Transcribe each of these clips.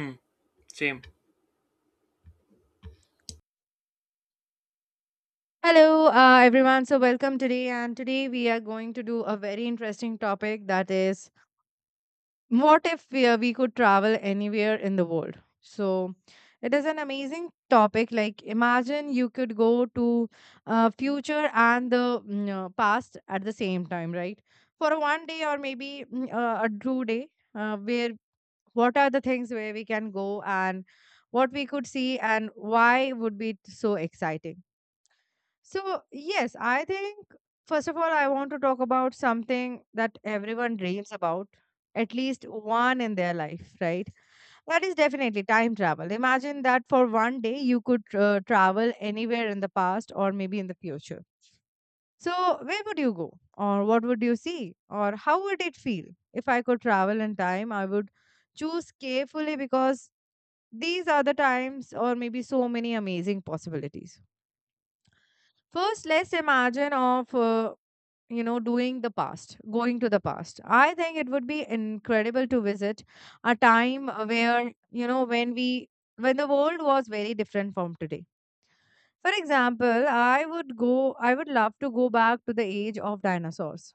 Hmm. Same. Hello, everyone. So, welcome today. And today we are going to do a very interesting topic, that is, what if we could travel anywhere in the world? So, it is an amazing topic. Like, imagine you could go to future and the past at the same time, right? For a 1 day, or maybe a 2 day, where what are the things where we can go, and what we could see, and why would be so exciting? So, yes, I think first of all, I want to talk about something that everyone dreams about, at least one in their life, right? That is definitely time travel. Imagine that for 1 day you could travel anywhere in the past or maybe in the future. So, where would you go? Or what would you see? Or how would it feel? If I could travel in time, I would choose carefully, because these are the times or maybe so many amazing possibilities. First, let's imagine of you know doing the past, going to the past. I think it would be incredible to visit a time where, you know, when the world was very different from today. For example, I would love to go back to the age of dinosaurs.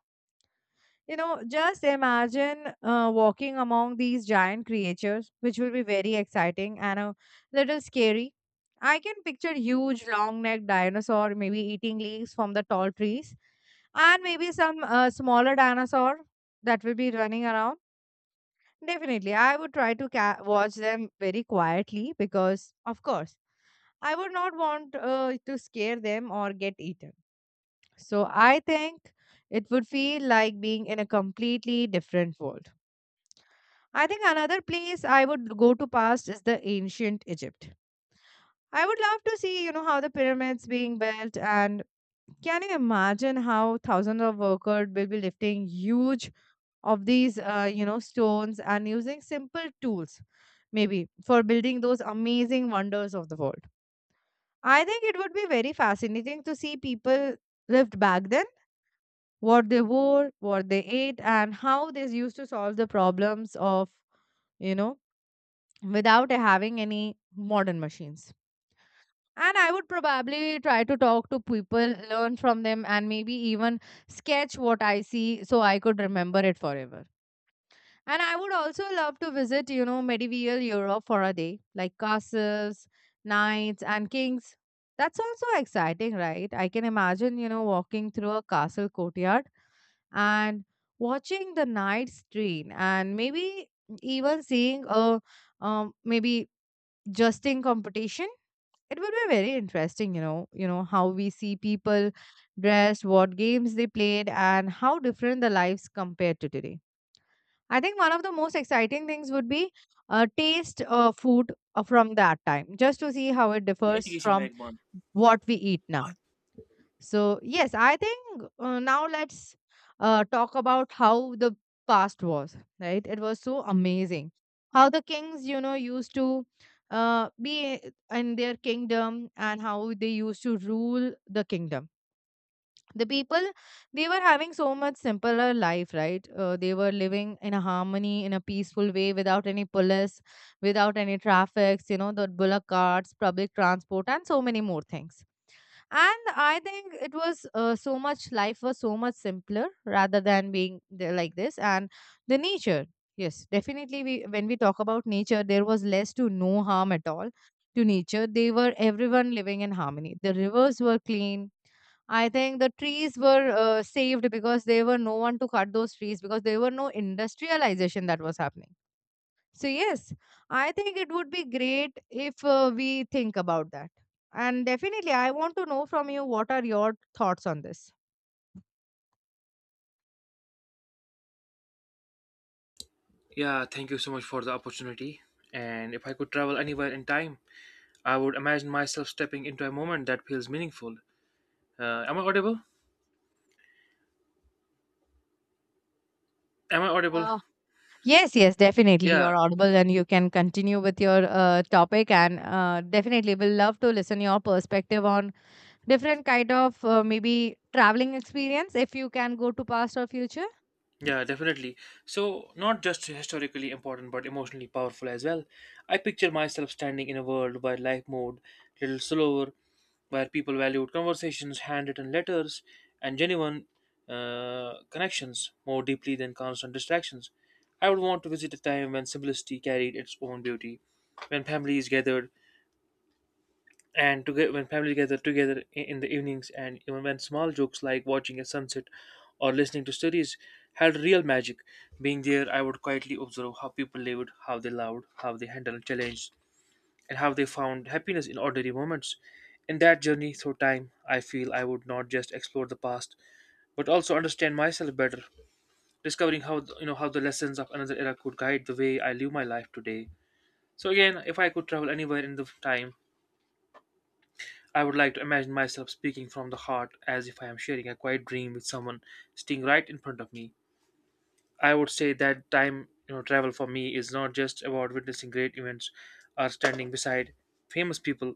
You know, just imagine walking among these giant creatures, which will be very exciting and a little scary. I can picture huge long-necked dinosaur maybe eating leaves from the tall trees, and maybe some smaller dinosaur that will be running around. Definitely, I would try to watch them very quietly because, of course, I would not want to scare them or get eaten. So I think it would feel like being in a completely different world. I think another place I would go to past is the ancient Egypt. I would love to see, you know, how the pyramids being built, and can you imagine how thousands of workers will be lifting huge of these stones and using simple tools maybe for building those amazing wonders of the world. I think it would be very fascinating to see people lived back then, what they wore, what they ate, and how they used to solve the problems of, you know, without having any modern machines. And I would probably try to talk to people, learn from them, and maybe even sketch what I see so I could remember it forever. And I would also love to visit, you know, medieval Europe for a day, like castles, knights, and kings. That's also exciting, right? I can imagine, you know, walking through a castle courtyard and watching the knights train, and maybe even seeing a maybe justing competition. It would be very interesting, you know, how we see people dressed, what games they played, and how different the lives compared to today. I think one of the most exciting things would be taste food from that time, just to see how it differs from what we eat now. So, yes, I think now let's talk about how the past was, right? It was so amazing. How the kings, you know, used to be in their kingdom, and how they used to rule the kingdom, the people. They were having so much simpler life, right? They were living in a harmony, in a peaceful way, without any police, without any traffics, you know, the bullock carts, public transport, and so many more things. And I think it was, so much, life was so much simpler rather than being there like this. And the nature, yes, definitely, we when we talk about nature, there was less to no harm at all to nature. They were everyone living in harmony. The rivers were clean. I think the trees were saved because there were no one to cut those trees, because there were no industrialization that was happening. So yes, I think it would be great if we think about that. And definitely, I want to know from you what are your thoughts on this. Yeah, thank you so much for the opportunity. And if I could travel anywhere in time, I would imagine myself stepping into a moment that feels meaningful. Am I audible? Am I audible? Uh, Yes, yes, definitely. Yeah, You're audible and you can continue with your topic. And definitely, we'll love to listen your perspective on different kind of maybe traveling experience if you can go to past or future. Yeah, definitely. So, not just historically important, but emotionally powerful as well. I picture myself standing in a world where life moved a little slower, where people valued conversations, handwritten letters, and genuine connections more deeply than constant distractions. I would want to visit a time when simplicity carried its own beauty, when families gathered and to get when family gather together in the evenings, and even when small jokes like watching a sunset or listening to stories had real magic. Being there, I would quietly observe how people lived, how they loved, how they handled challenges, and how they found happiness in ordinary moments. In that journey through time, I feel I would not just explore the past, but also understand myself better, discovering how how the lessons of another era could guide the way I live my life today. So again, if I could travel anywhere in the time, I would like to imagine myself speaking from the heart as if I am sharing a quiet dream with someone sitting right in front of me. I would say that time, travel for me is not just about witnessing great events or standing beside famous people,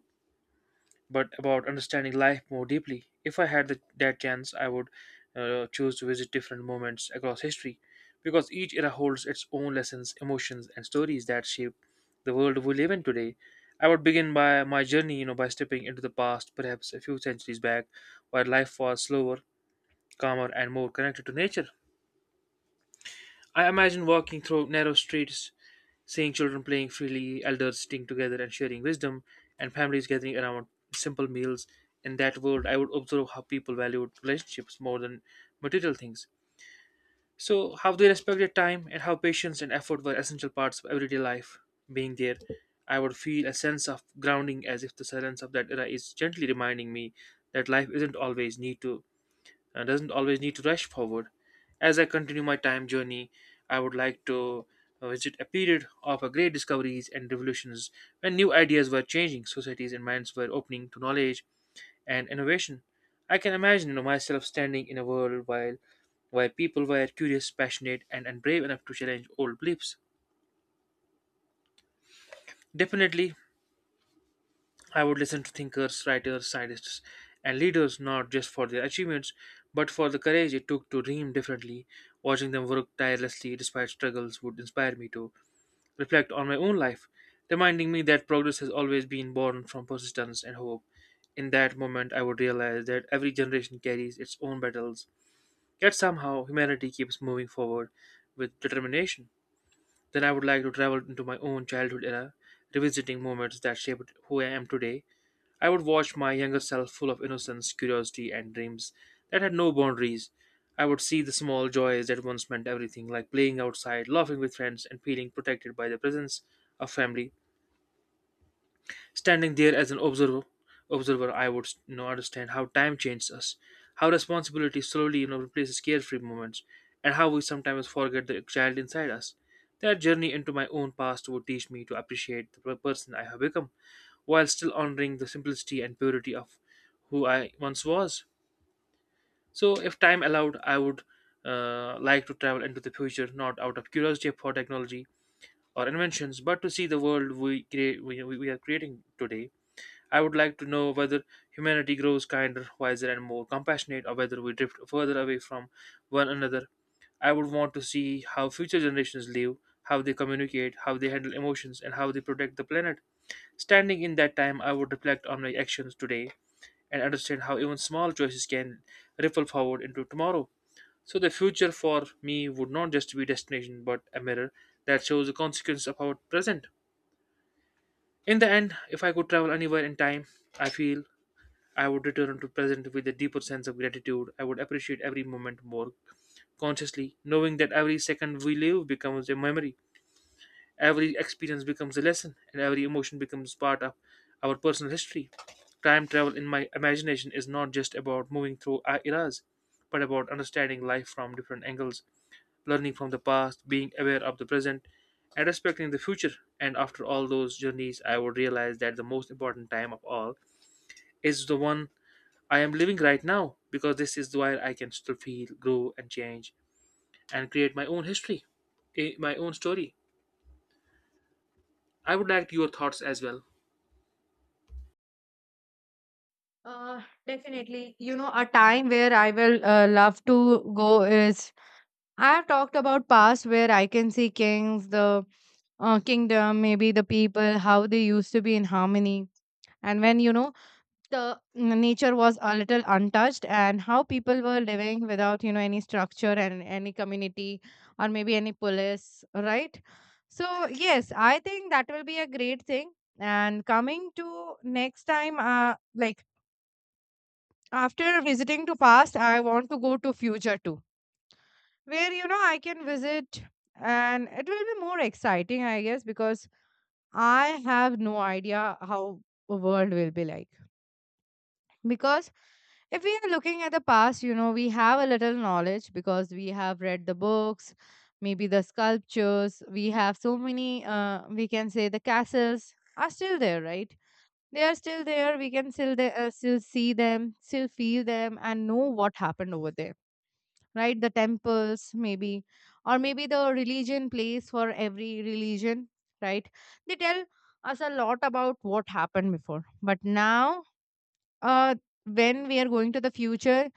but about understanding life more deeply. If I had that chance, I would choose to visit different moments across history because each era holds its own lessons, emotions, and stories that shape the world we live in today. I would begin by my journey, you know, by stepping into the past, perhaps a few centuries back, where life was slower, calmer, and more connected to nature. I imagine walking through narrow streets, seeing children playing freely, elders sitting together and sharing wisdom, and families gathering around simple meals. In that world, I would observe how people valued relationships more than material things. So, how they respected time and how patience and effort were essential parts of everyday life. Being there, I would feel a sense of grounding as if the silence of that era is gently reminding me that life isn't always need to doesn't always need to rush forward. As I continue my time journey, I would like to visit a period of a great discoveries and revolutions when new ideas were changing societies and minds were opening to knowledge and innovation. I can imagine, you know, myself standing in a world while where people were curious, passionate, and brave enough to challenge old beliefs. Definitely, I would listen to thinkers, writers, scientists, and leaders not just for their achievements, but for the courage it took to dream differently. Watching them work tirelessly despite struggles would inspire me to reflect on my own life, reminding me that progress has always been born from persistence and hope. In that moment, I would realize that every generation carries its own battles, yet somehow humanity keeps moving forward with determination. Then I would like to travel into my own childhood era, revisiting moments that shaped who I am today. I would watch my younger self full of innocence, curiosity, and dreams that had no boundaries. I would see the small joys that once meant everything, like playing outside, laughing with friends, and feeling protected by the presence of family. Standing there as an observer, I would, you know, understand how time changes us, how responsibility slowly, you know, replaces carefree moments, and how we sometimes forget the child inside us. That journey into my own past would teach me to appreciate the person I have become while still honoring the simplicity and purity of who I once was. So, if time allowed, I would like to travel into the future, not out of curiosity for technology or inventions, but to see the world we, create, we are creating today. I would like to know whether humanity grows kinder, wiser, and more compassionate, or whether we drift further away from one another. I would want to see how future generations live, how they communicate, how they handle emotions, and how they protect the planet. Standing in that time, I would reflect on my actions today and understand how even small choices can ripple forward into tomorrow. So the future for me would not just be destination but a mirror that shows the consequence of our present. In the end, if I could travel anywhere in time, I feel I would return to present with a deeper sense of gratitude. I would appreciate every moment more consciously, knowing that every second we live becomes a memory. Every experience becomes a lesson, and every emotion becomes part of our personal history. Time travel, in my imagination, is not just about moving through our eras, but about understanding life from different angles, learning from the past, being aware of the present, and respecting the future. And after all those journeys, I would realize that the most important time of all is the one I am living right now, because this is where I can still feel, grow, and change, and create my own history, my own story. I would like your thoughts as well. Uh, Definitely. You know, a time where I will love to go is I have talked about past where I can see kings, the kingdom, maybe the people, how they used to be in harmony. And when, you know, the nature was a little untouched, and how people were living without, you know, any structure and any community, or maybe any police, right? So, yes, I think that will be a great thing. And coming to next time, like, after visiting to past, I want to go to future too, where, you know, I can visit. And it will be more exciting, I guess, because I have no idea how the world will be like. Because if we are looking at the past, you know, we have a little knowledge because we have read the books, maybe the sculptures. We have so many, we can say the castles are still there, right? They are still there. We can still see them, still feel them, and know what happened over there, right? The temples, maybe, or maybe the religion place for every religion, right? They tell us a lot about what happened before. But now, uh when we are going to the future,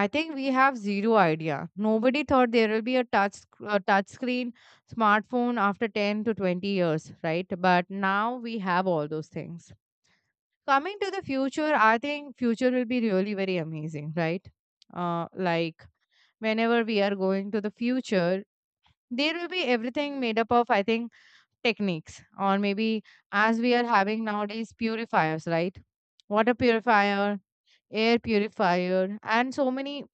I think we have zero idea. Nobody thought there will be a a touch screen smartphone after 10 to 20 years, right? But now we have all those things. Coming to the future, I think future will be really very amazing, right? Like, whenever we are going to the future, there will be everything made up of, I think, techniques, or maybe as we are having nowadays purifiers, right? Water purifier, air purifier, and so many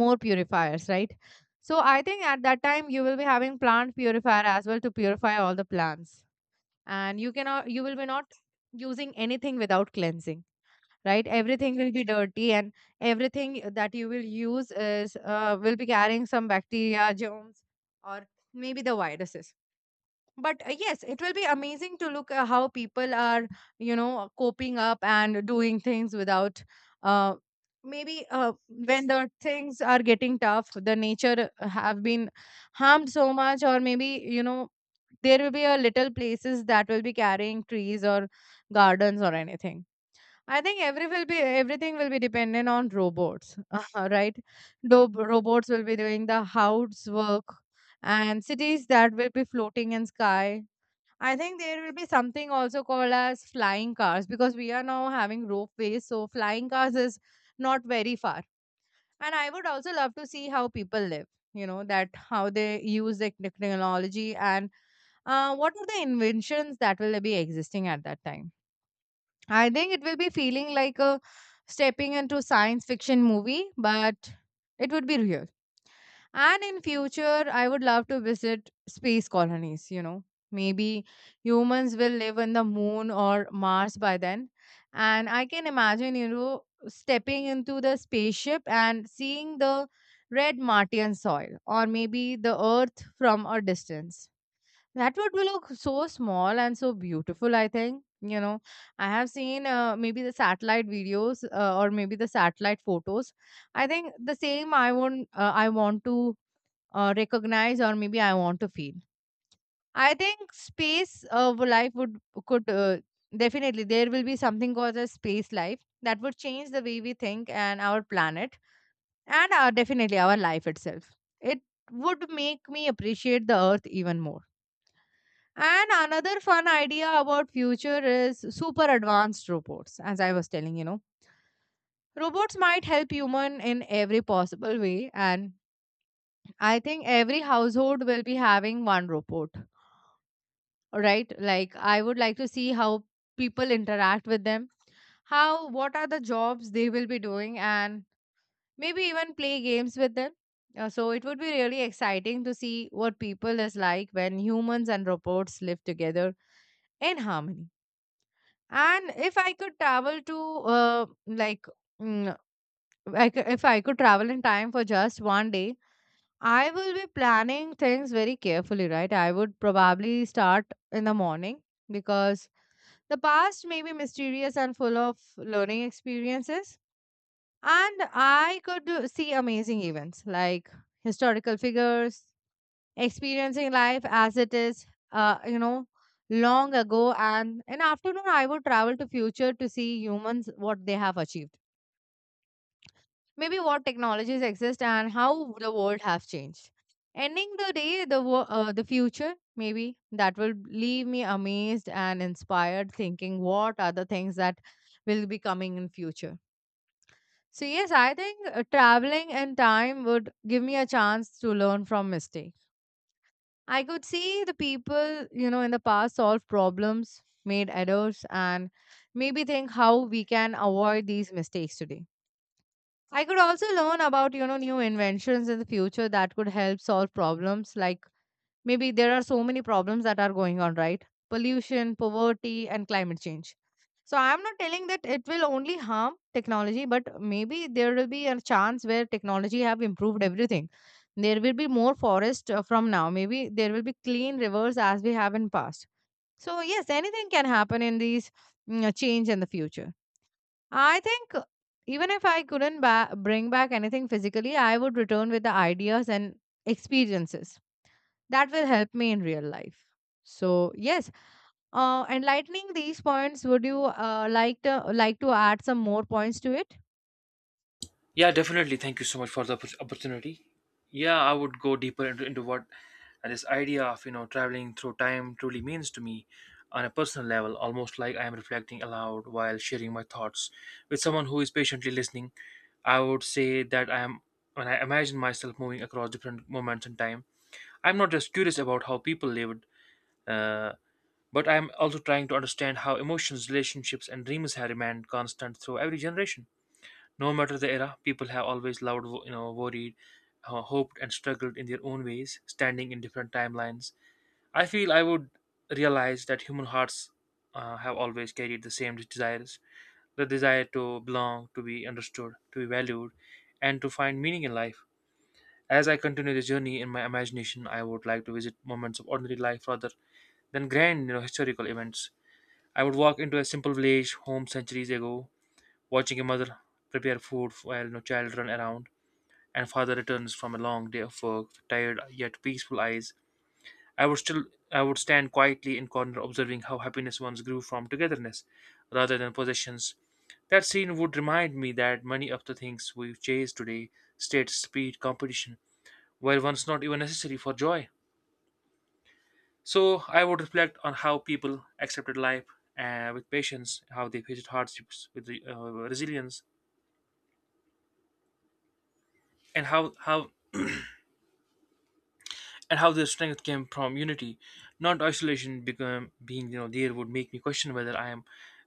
more purifiers, right? So I think at that time you will be having plant purifier as well to purify all the plants. And you will be not using anything without cleansing, right? Everything will be dirty, and everything that you will use is will be carrying some bacteria, germs, or maybe the viruses. But yes, it will be amazing to look at how people are, you know, coping up and doing things without, uh, maybe when the things are getting tough. The nature have been harmed so much, or maybe, you know, there will be a little places that will be carrying trees or gardens or anything. I think everything will be dependent on robots, right? Robots will be doing the house work, and cities that will be floating in sky. I think there will be something also called as flying cars, because we are now having ropeways, so flying cars is not very far. And I would also love to see how people live. You know that how they use the technology, and what are the inventions that will be existing at that time. I think it will be feeling like a stepping into science fiction movie, but it would be real. And in future, I would love to visit space colonies, you know. Maybe humans will live on the moon or Mars by then. And I can imagine, you know, stepping into the spaceship and seeing the red Martian soil, or maybe the earth from a distance. That would look so small and so beautiful, I think. You know, I have seen maybe the satellite videos, or maybe the satellite photos. I think the same I want to recognize, or maybe I want to feel. I think life would could definitely there will be something called as space life that would change the way we think, and our planet, and definitely our life itself. It would make me appreciate the earth even more. And another fun idea about future is super advanced robots, as I was telling, you know. Robots might help human in every possible way, and I think every household will be having one robot, right? Like, I would like to see how people interact with them, how what are the jobs they will be doing, and maybe even play games with them. So it would be really exciting to see what people is like when humans and robots live together in harmony. And if I could travel to, like, mm, if I could travel in time for just 1 day, I will be planning things very carefully, right? I would probably start in the morning because the past may be mysterious and full of learning experiences. And I could see amazing events like historical figures, experiencing life as it is uh, you know long ago. And in afternoon I would travel to future to see humans what they have achieved, maybe what technologies exist and how the world have changed, ending the day. The the future maybe that will leave me amazed and inspired, thinking what are the things that will be coming in future. So yes, I think traveling in time would give me a chance to learn from mistake. I could see the people, you know, in the past solve problems, made errors, and maybe think how we can avoid these mistakes today. I could also learn about, you know, new inventions in the future that could help solve problems like. Maybe there are so many problems that are going on, right? Pollution, poverty, and climate change. So I'm not telling that it will only harm technology, but maybe there will be a chance where technology have improved everything. There will be more forest from now. Maybe there will be clean rivers as we have in past. So yes, anything can happen in these change in the future. I think even if I couldn't bring back anything physically, I would return with the ideas and experiences that will help me in real life. So yes, enlightening these points, would you like to add some more points to it? Yeah, definitely. Thank you so much for the opportunity. Yeah, I would go deeper into what this idea of, you know, traveling through time truly means to me on a personal level, almost like I am reflecting aloud while sharing my thoughts with someone who is patiently listening. I would say that I am when I imagine myself moving across different moments in time. I'm not just curious about how people lived, uh, but I'm also trying to understand how emotions, relationships, and dreams have remained constant through every generation. No matter the era, people have always loved, you know, worried, hoped, and struggled in their own ways, standing in different timelines. I feel I would realize that human hearts have always carried the same desires, the desire to belong, to be understood, to be valued, and to find meaning in life. As I continue the journey in my imagination, I would like to visit moments of ordinary life rather than grand, you know, historical events. I would walk into a simple village home centuries ago, watching a mother prepare food while no child run around and father returns from a long day of work with tired yet peaceful eyes. I would still I would stand quietly in corner observing how happiness once grew from togetherness rather than possessions. That scene would remind me that many of the things we chase today, state, speed, competition, were once not even necessary for joy. So I would reflect on how people accepted life with patience, how they faced hardships with resilience, and how their strength came from unity, not isolation. Become being you know there would make me question whether I am,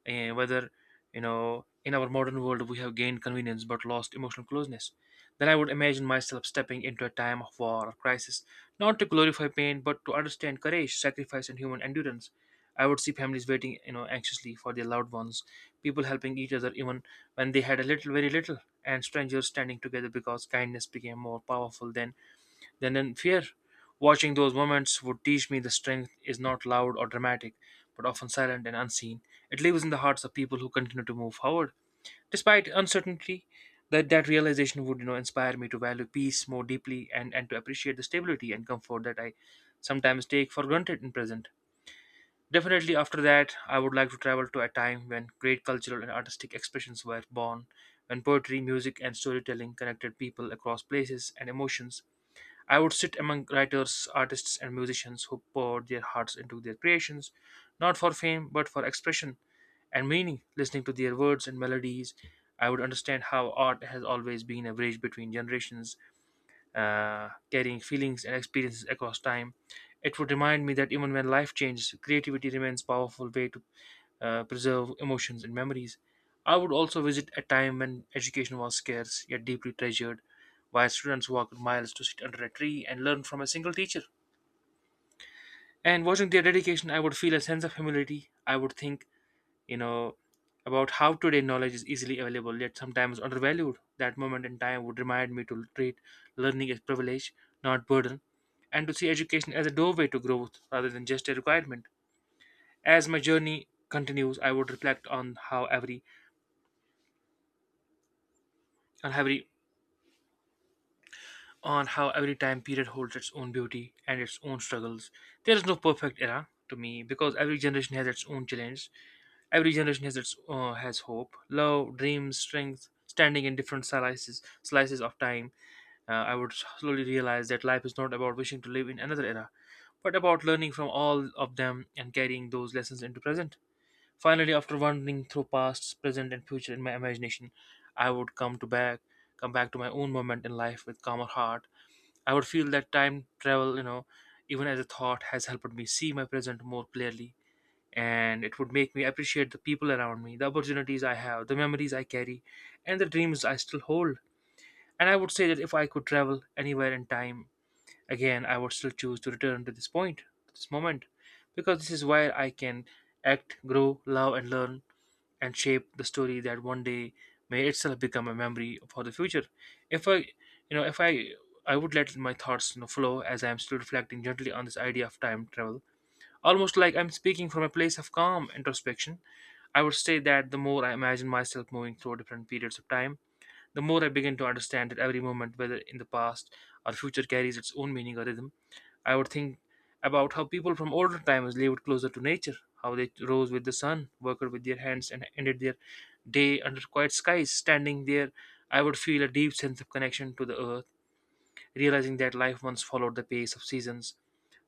uh, whether, you know, in our modern world we have gained convenience but lost emotional closeness. Then I would imagine myself stepping into a time of war or crisis, not to glorify pain but to understand courage, sacrifice, and human endurance. I would see families waiting, you know, anxiously for their loved ones, people helping each other even when they had very little, and strangers standing together because kindness became more powerful than in fear. Watching those moments would teach me the strength is not loud or dramatic, but often silent and unseen. It lives in the hearts of people who continue to move forward. Despite uncertainty, that realization would, you know, inspire me to value peace more deeply, and to appreciate the stability and comfort that I sometimes take for granted in present. Definitely after that I would like to travel to a time when great cultural and artistic expressions were born, when poetry, music and storytelling connected people across places and emotions. I would sit among writers, artists, and musicians who poured their hearts into their creations, not for fame, but for expression and meaning. Listening to their words and melodies, I would understand how art has always been a bridge between generations, carrying feelings and experiences across time. It would remind me that even when life changes, creativity remains a powerful way to preserve emotions and memories. I would also visit a time when education was scarce yet deeply treasured, where students walked miles to sit under a tree and learn from a single teacher. And watching their dedication, I would feel a sense of humility. I would think, you know, about how today knowledge is easily available yet sometimes undervalued. That moment in time would remind me to treat learning as privilege, not burden, and to see education as a doorway to growth rather than just a requirement. As my journey continues, I would reflect on how every on how every time period holds its own beauty and its own struggles. There is no perfect era to me because every generation has its own challenge. Every generation has hope, love, dreams, strength, standing in different slices of time. I would slowly realize that life is not about wishing to live in another era, but about learning from all of them and carrying those lessons into present. Finally, after wandering through past, present, and future in my imagination, I would come back to my own moment in life with calmer heart. I would feel that time travel, even as a thought, has helped me see my present more clearly, and it would make me appreciate the people around me, the opportunities I have, the memories I carry, and the dreams I still hold. And I would say that if I could travel anywhere in time again, I would still choose to return to this point, to this moment, because this is where I can act, grow, love, and learn and shape the story that one day may itself become a memory for the future. If I, you know, if I, I would let my thoughts, flow as I am still reflecting gently on this idea of time travel, almost like I'm speaking from a place of calm introspection. I would say that the more I imagine myself moving through different periods of time the more I begin to understand that every moment, whether in the past or future, carries its own meaning or rhythm. I would think about how people from older times lived closer to nature, how they rose with the sun, worked with their hands, and ended their day under quiet skies. Standing there, I would feel a deep sense of connection to the earth, realizing that life once followed the pace of seasons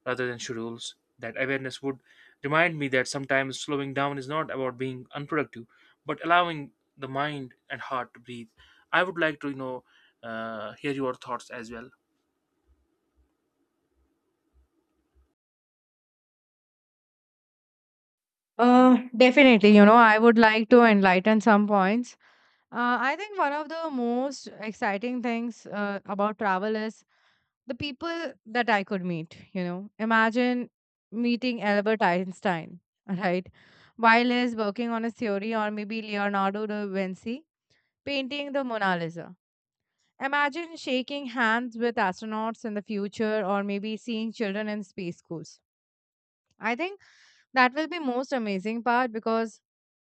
rather than schedules. That awareness would remind me that sometimes slowing down is not about being unproductive, but allowing the mind and heart to breathe. I would like to hear your thoughts as well. Definitely, you know, I would like to enlighten some points. I think one of the most exciting things about travel is the people that I could meet. You know, imagine meeting Albert Einstein, right? While he's working on his theory, or maybe Leonardo da Vinci painting the Mona Lisa. Imagine shaking hands with astronauts in the future or maybe seeing children in space schools. I think that will be most amazing part, because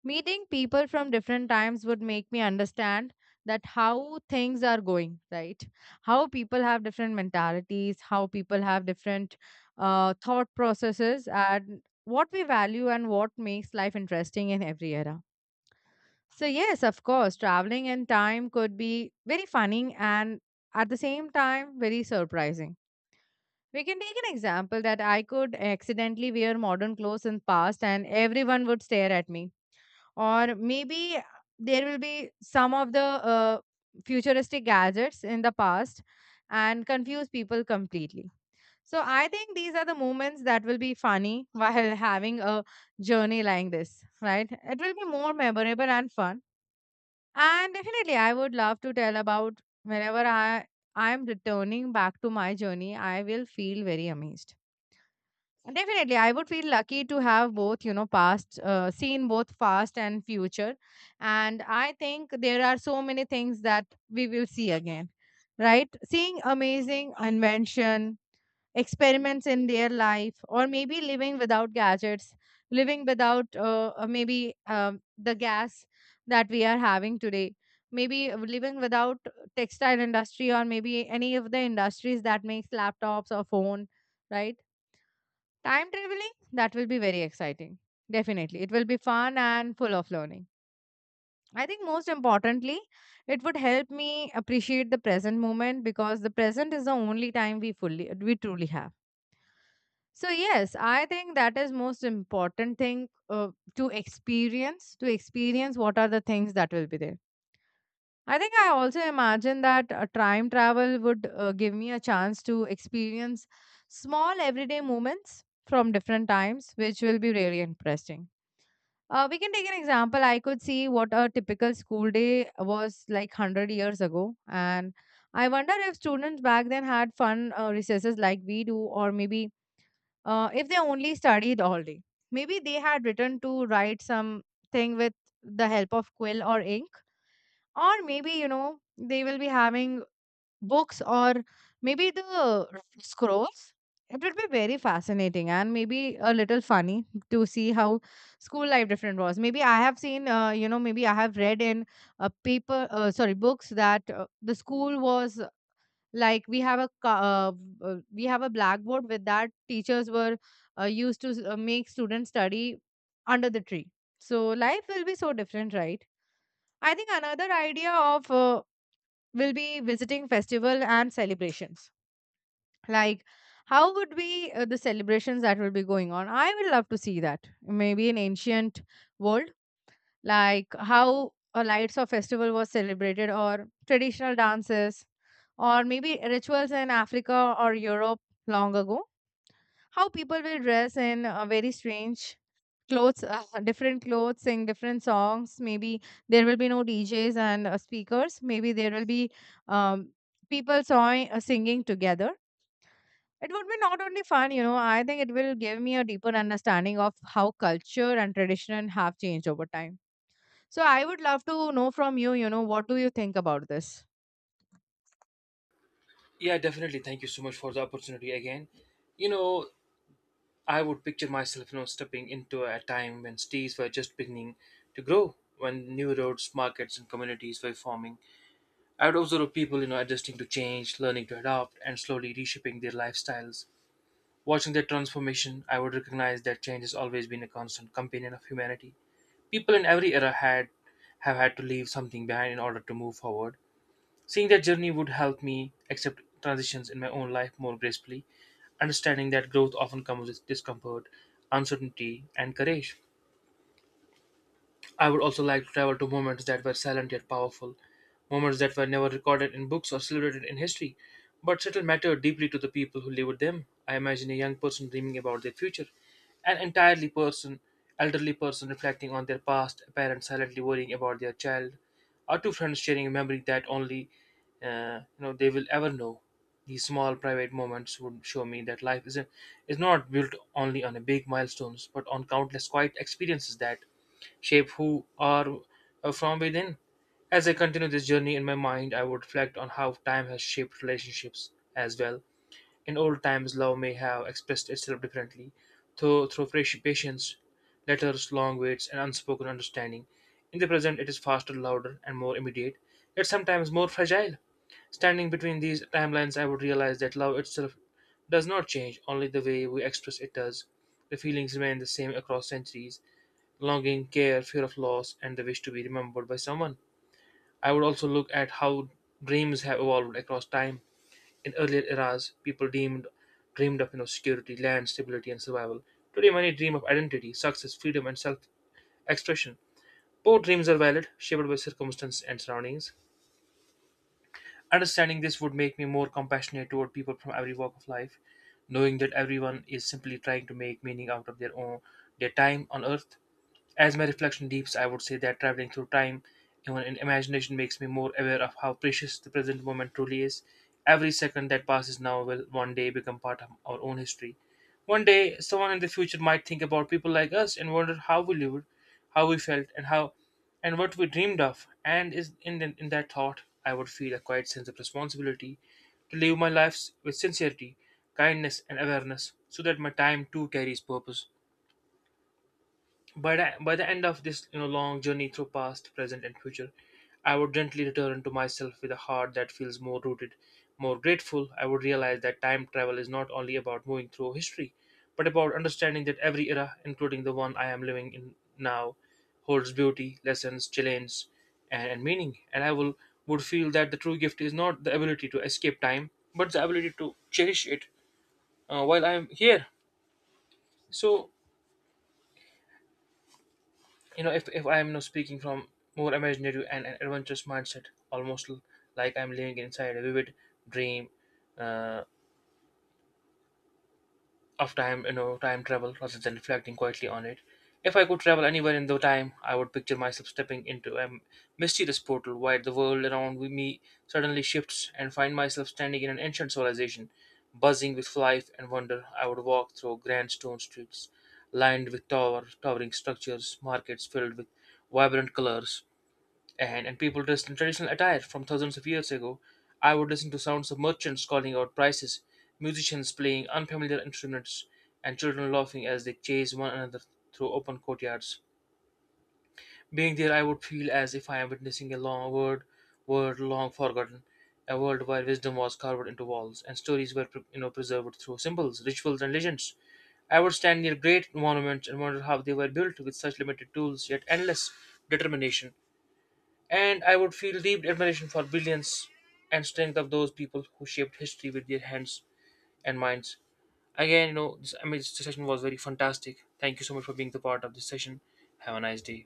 meeting people from different times would make me understand that how things are going, right? How people have different mentalities, how people have different thought processes and what we value and what makes life interesting in every era. So, yes, of course, traveling in time could be very funny and at the same time very surprising. We can take an example that I could accidentally wear modern clothes in past and everyone would stare at me. Or maybe there will be some of the futuristic gadgets in the past and confuse people completely. So I think these are the moments that will be funny while having a journey like this, right? It will be more memorable and fun. And definitely, I would love to tell about whenever I am returning back to my journey, I will feel very amazed. And definitely, I would feel lucky to have both, you know, past, seen both past and future. And I think there are so many things that we will see again, right? Seeing amazing invention, experiments in their life or maybe living without gadgets, living without maybe the gas that we are having today, maybe living without textile industry or maybe any of the industries that makes laptops or phone, right? Time traveling, that will be very exciting. Definitely it will be fun and full of learning. I think most importantly, it would help me appreciate the present moment, because the present is the only time we truly have. So yes, I think that is most important thing to experience what are the things that will be there. I think I also imagine that time travel would give me a chance to experience small everyday moments from different times, which will be really interesting. We can take an example. I could see what a typical school day was like 100 years ago, and I wonder if students back then had fun recesses like we do, or maybe if they only studied all day. Maybe they had written to write something with the help of quill or ink, or maybe, you know, they will be having books or maybe the scrolls. It would be very fascinating and maybe a little funny to see how school life different was. Maybe I have seen, maybe I have read in paper, sorry, books that the school was like. We have a we have a blackboard with that teachers were used to make students study under the tree. So life will be so different, right? I think another idea of will be visiting festival and celebrations, like how would be the celebrations that will be going on. I would love to see that maybe in ancient world, like how a lights or festival was celebrated, or traditional dances or maybe rituals in Africa or Europe long ago. How people will dress in very strange clothes, different clothes, sing different songs. Maybe there will be no DJs and speakers. Maybe there will be um, people sawing, singing together. It would be not only fun, you know, I think it will give me a deeper understanding of how culture and tradition have changed over time. So I would love to know from you, you know, what do you think about this? Yeah, definitely. Thank you so much for the opportunity again. You know, I would picture myself, stepping into a time when cities were just beginning to grow, when new roads, markets, and communities were forming. I would observe people, adjusting to change, learning to adapt, and slowly reshaping their lifestyles. Watching their transformation, I would recognize that change has always been a constant companion of humanity. People in every era had have had to leave something behind in order to move forward. Seeing that journey would help me accept transitions in my own life more gracefully, understanding that growth often comes with discomfort, uncertainty, and courage. I would also like to travel to moments that were silent yet powerful, moments that were never recorded in books or celebrated in history, but still mattered deeply to the people who lived them. I imagine a young person dreaming about their future, an entirely person, elderly person reflecting on their past, a parent silently worrying about their child, or two friends sharing a memory that only they will ever know. These small private moments would show me that life is not built only on a big milestones, but on countless quiet experiences that shape who are from within. As I continue this journey in my mind, I would reflect on how time has shaped relationships as well. In old times, love may have expressed itself differently, though through patience, letters, long waits, and unspoken understanding. In the present, it is faster, louder, and more immediate, yet sometimes more fragile. Standing between these timelines, I would realize that love itself does not change, only the way we express it does. The feelings remain the same across centuries, longing, care, fear of loss, and the wish to be remembered by someone. I would also look at how dreams have evolved across time. In earlier eras, people deemed dreamed of security, land, stability, and survival. Today, many dream of identity, success, freedom, and self-expression. Both dreams are valid, shaped by circumstance and surroundings. Understanding this would make me more compassionate toward people from every walk of life, knowing that everyone is simply trying to make meaning out of their time on earth. As my reflection deeps, I would say that traveling through time, even in imagination, makes me more aware of how precious the present moment truly is. Every second that passes now will one day become part of our own history. One day, someone in the future might think about people like us and wonder how we lived, how we felt, and how and what we dreamed of. And in that thought, I would feel a quiet sense of responsibility to live my lives with sincerity, kindness, and awareness so that my time too carries purpose. By the end of this long journey through past, present, and future, I would gently return to myself with a heart that feels more rooted, more grateful. I would realize that time travel is not only about moving through history, but about understanding that every era, including the one I am living in now, holds beauty, lessons, challenges, and meaning. And I will would feel that the true gift is not the ability to escape time, but the ability to cherish it while I am here. So. If I am now speaking from more imaginative and an adventurous mindset, almost like I'm living inside a vivid dream uh, of time, time travel rather than reflecting quietly on it. If I could travel anywhere in the time, I would picture myself stepping into a mysterious portal where the world around me suddenly shifts and find myself standing in an ancient civilization, buzzing with life and wonder. I would walk through grand stone streets lined with towering structures, markets filled with vibrant colors, and people dressed in traditional attire from thousands of years ago. I would listen to sounds of merchants calling out prices, musicians playing unfamiliar instruments, and children laughing as they chase one another through open courtyards. Being there, I would feel as if I am witnessing a world long forgotten, a world where wisdom was carved into walls and stories were preserved through symbols, rituals, and legends. I would stand near great monuments and wonder how they were built with such limited tools, yet endless determination and I would feel deep admiration for brilliance and strength of those people who shaped history with their hands and minds. Again, you know, this, I mean, this session was very fantastic. Thank you so much for being the part of this session. Have a nice day.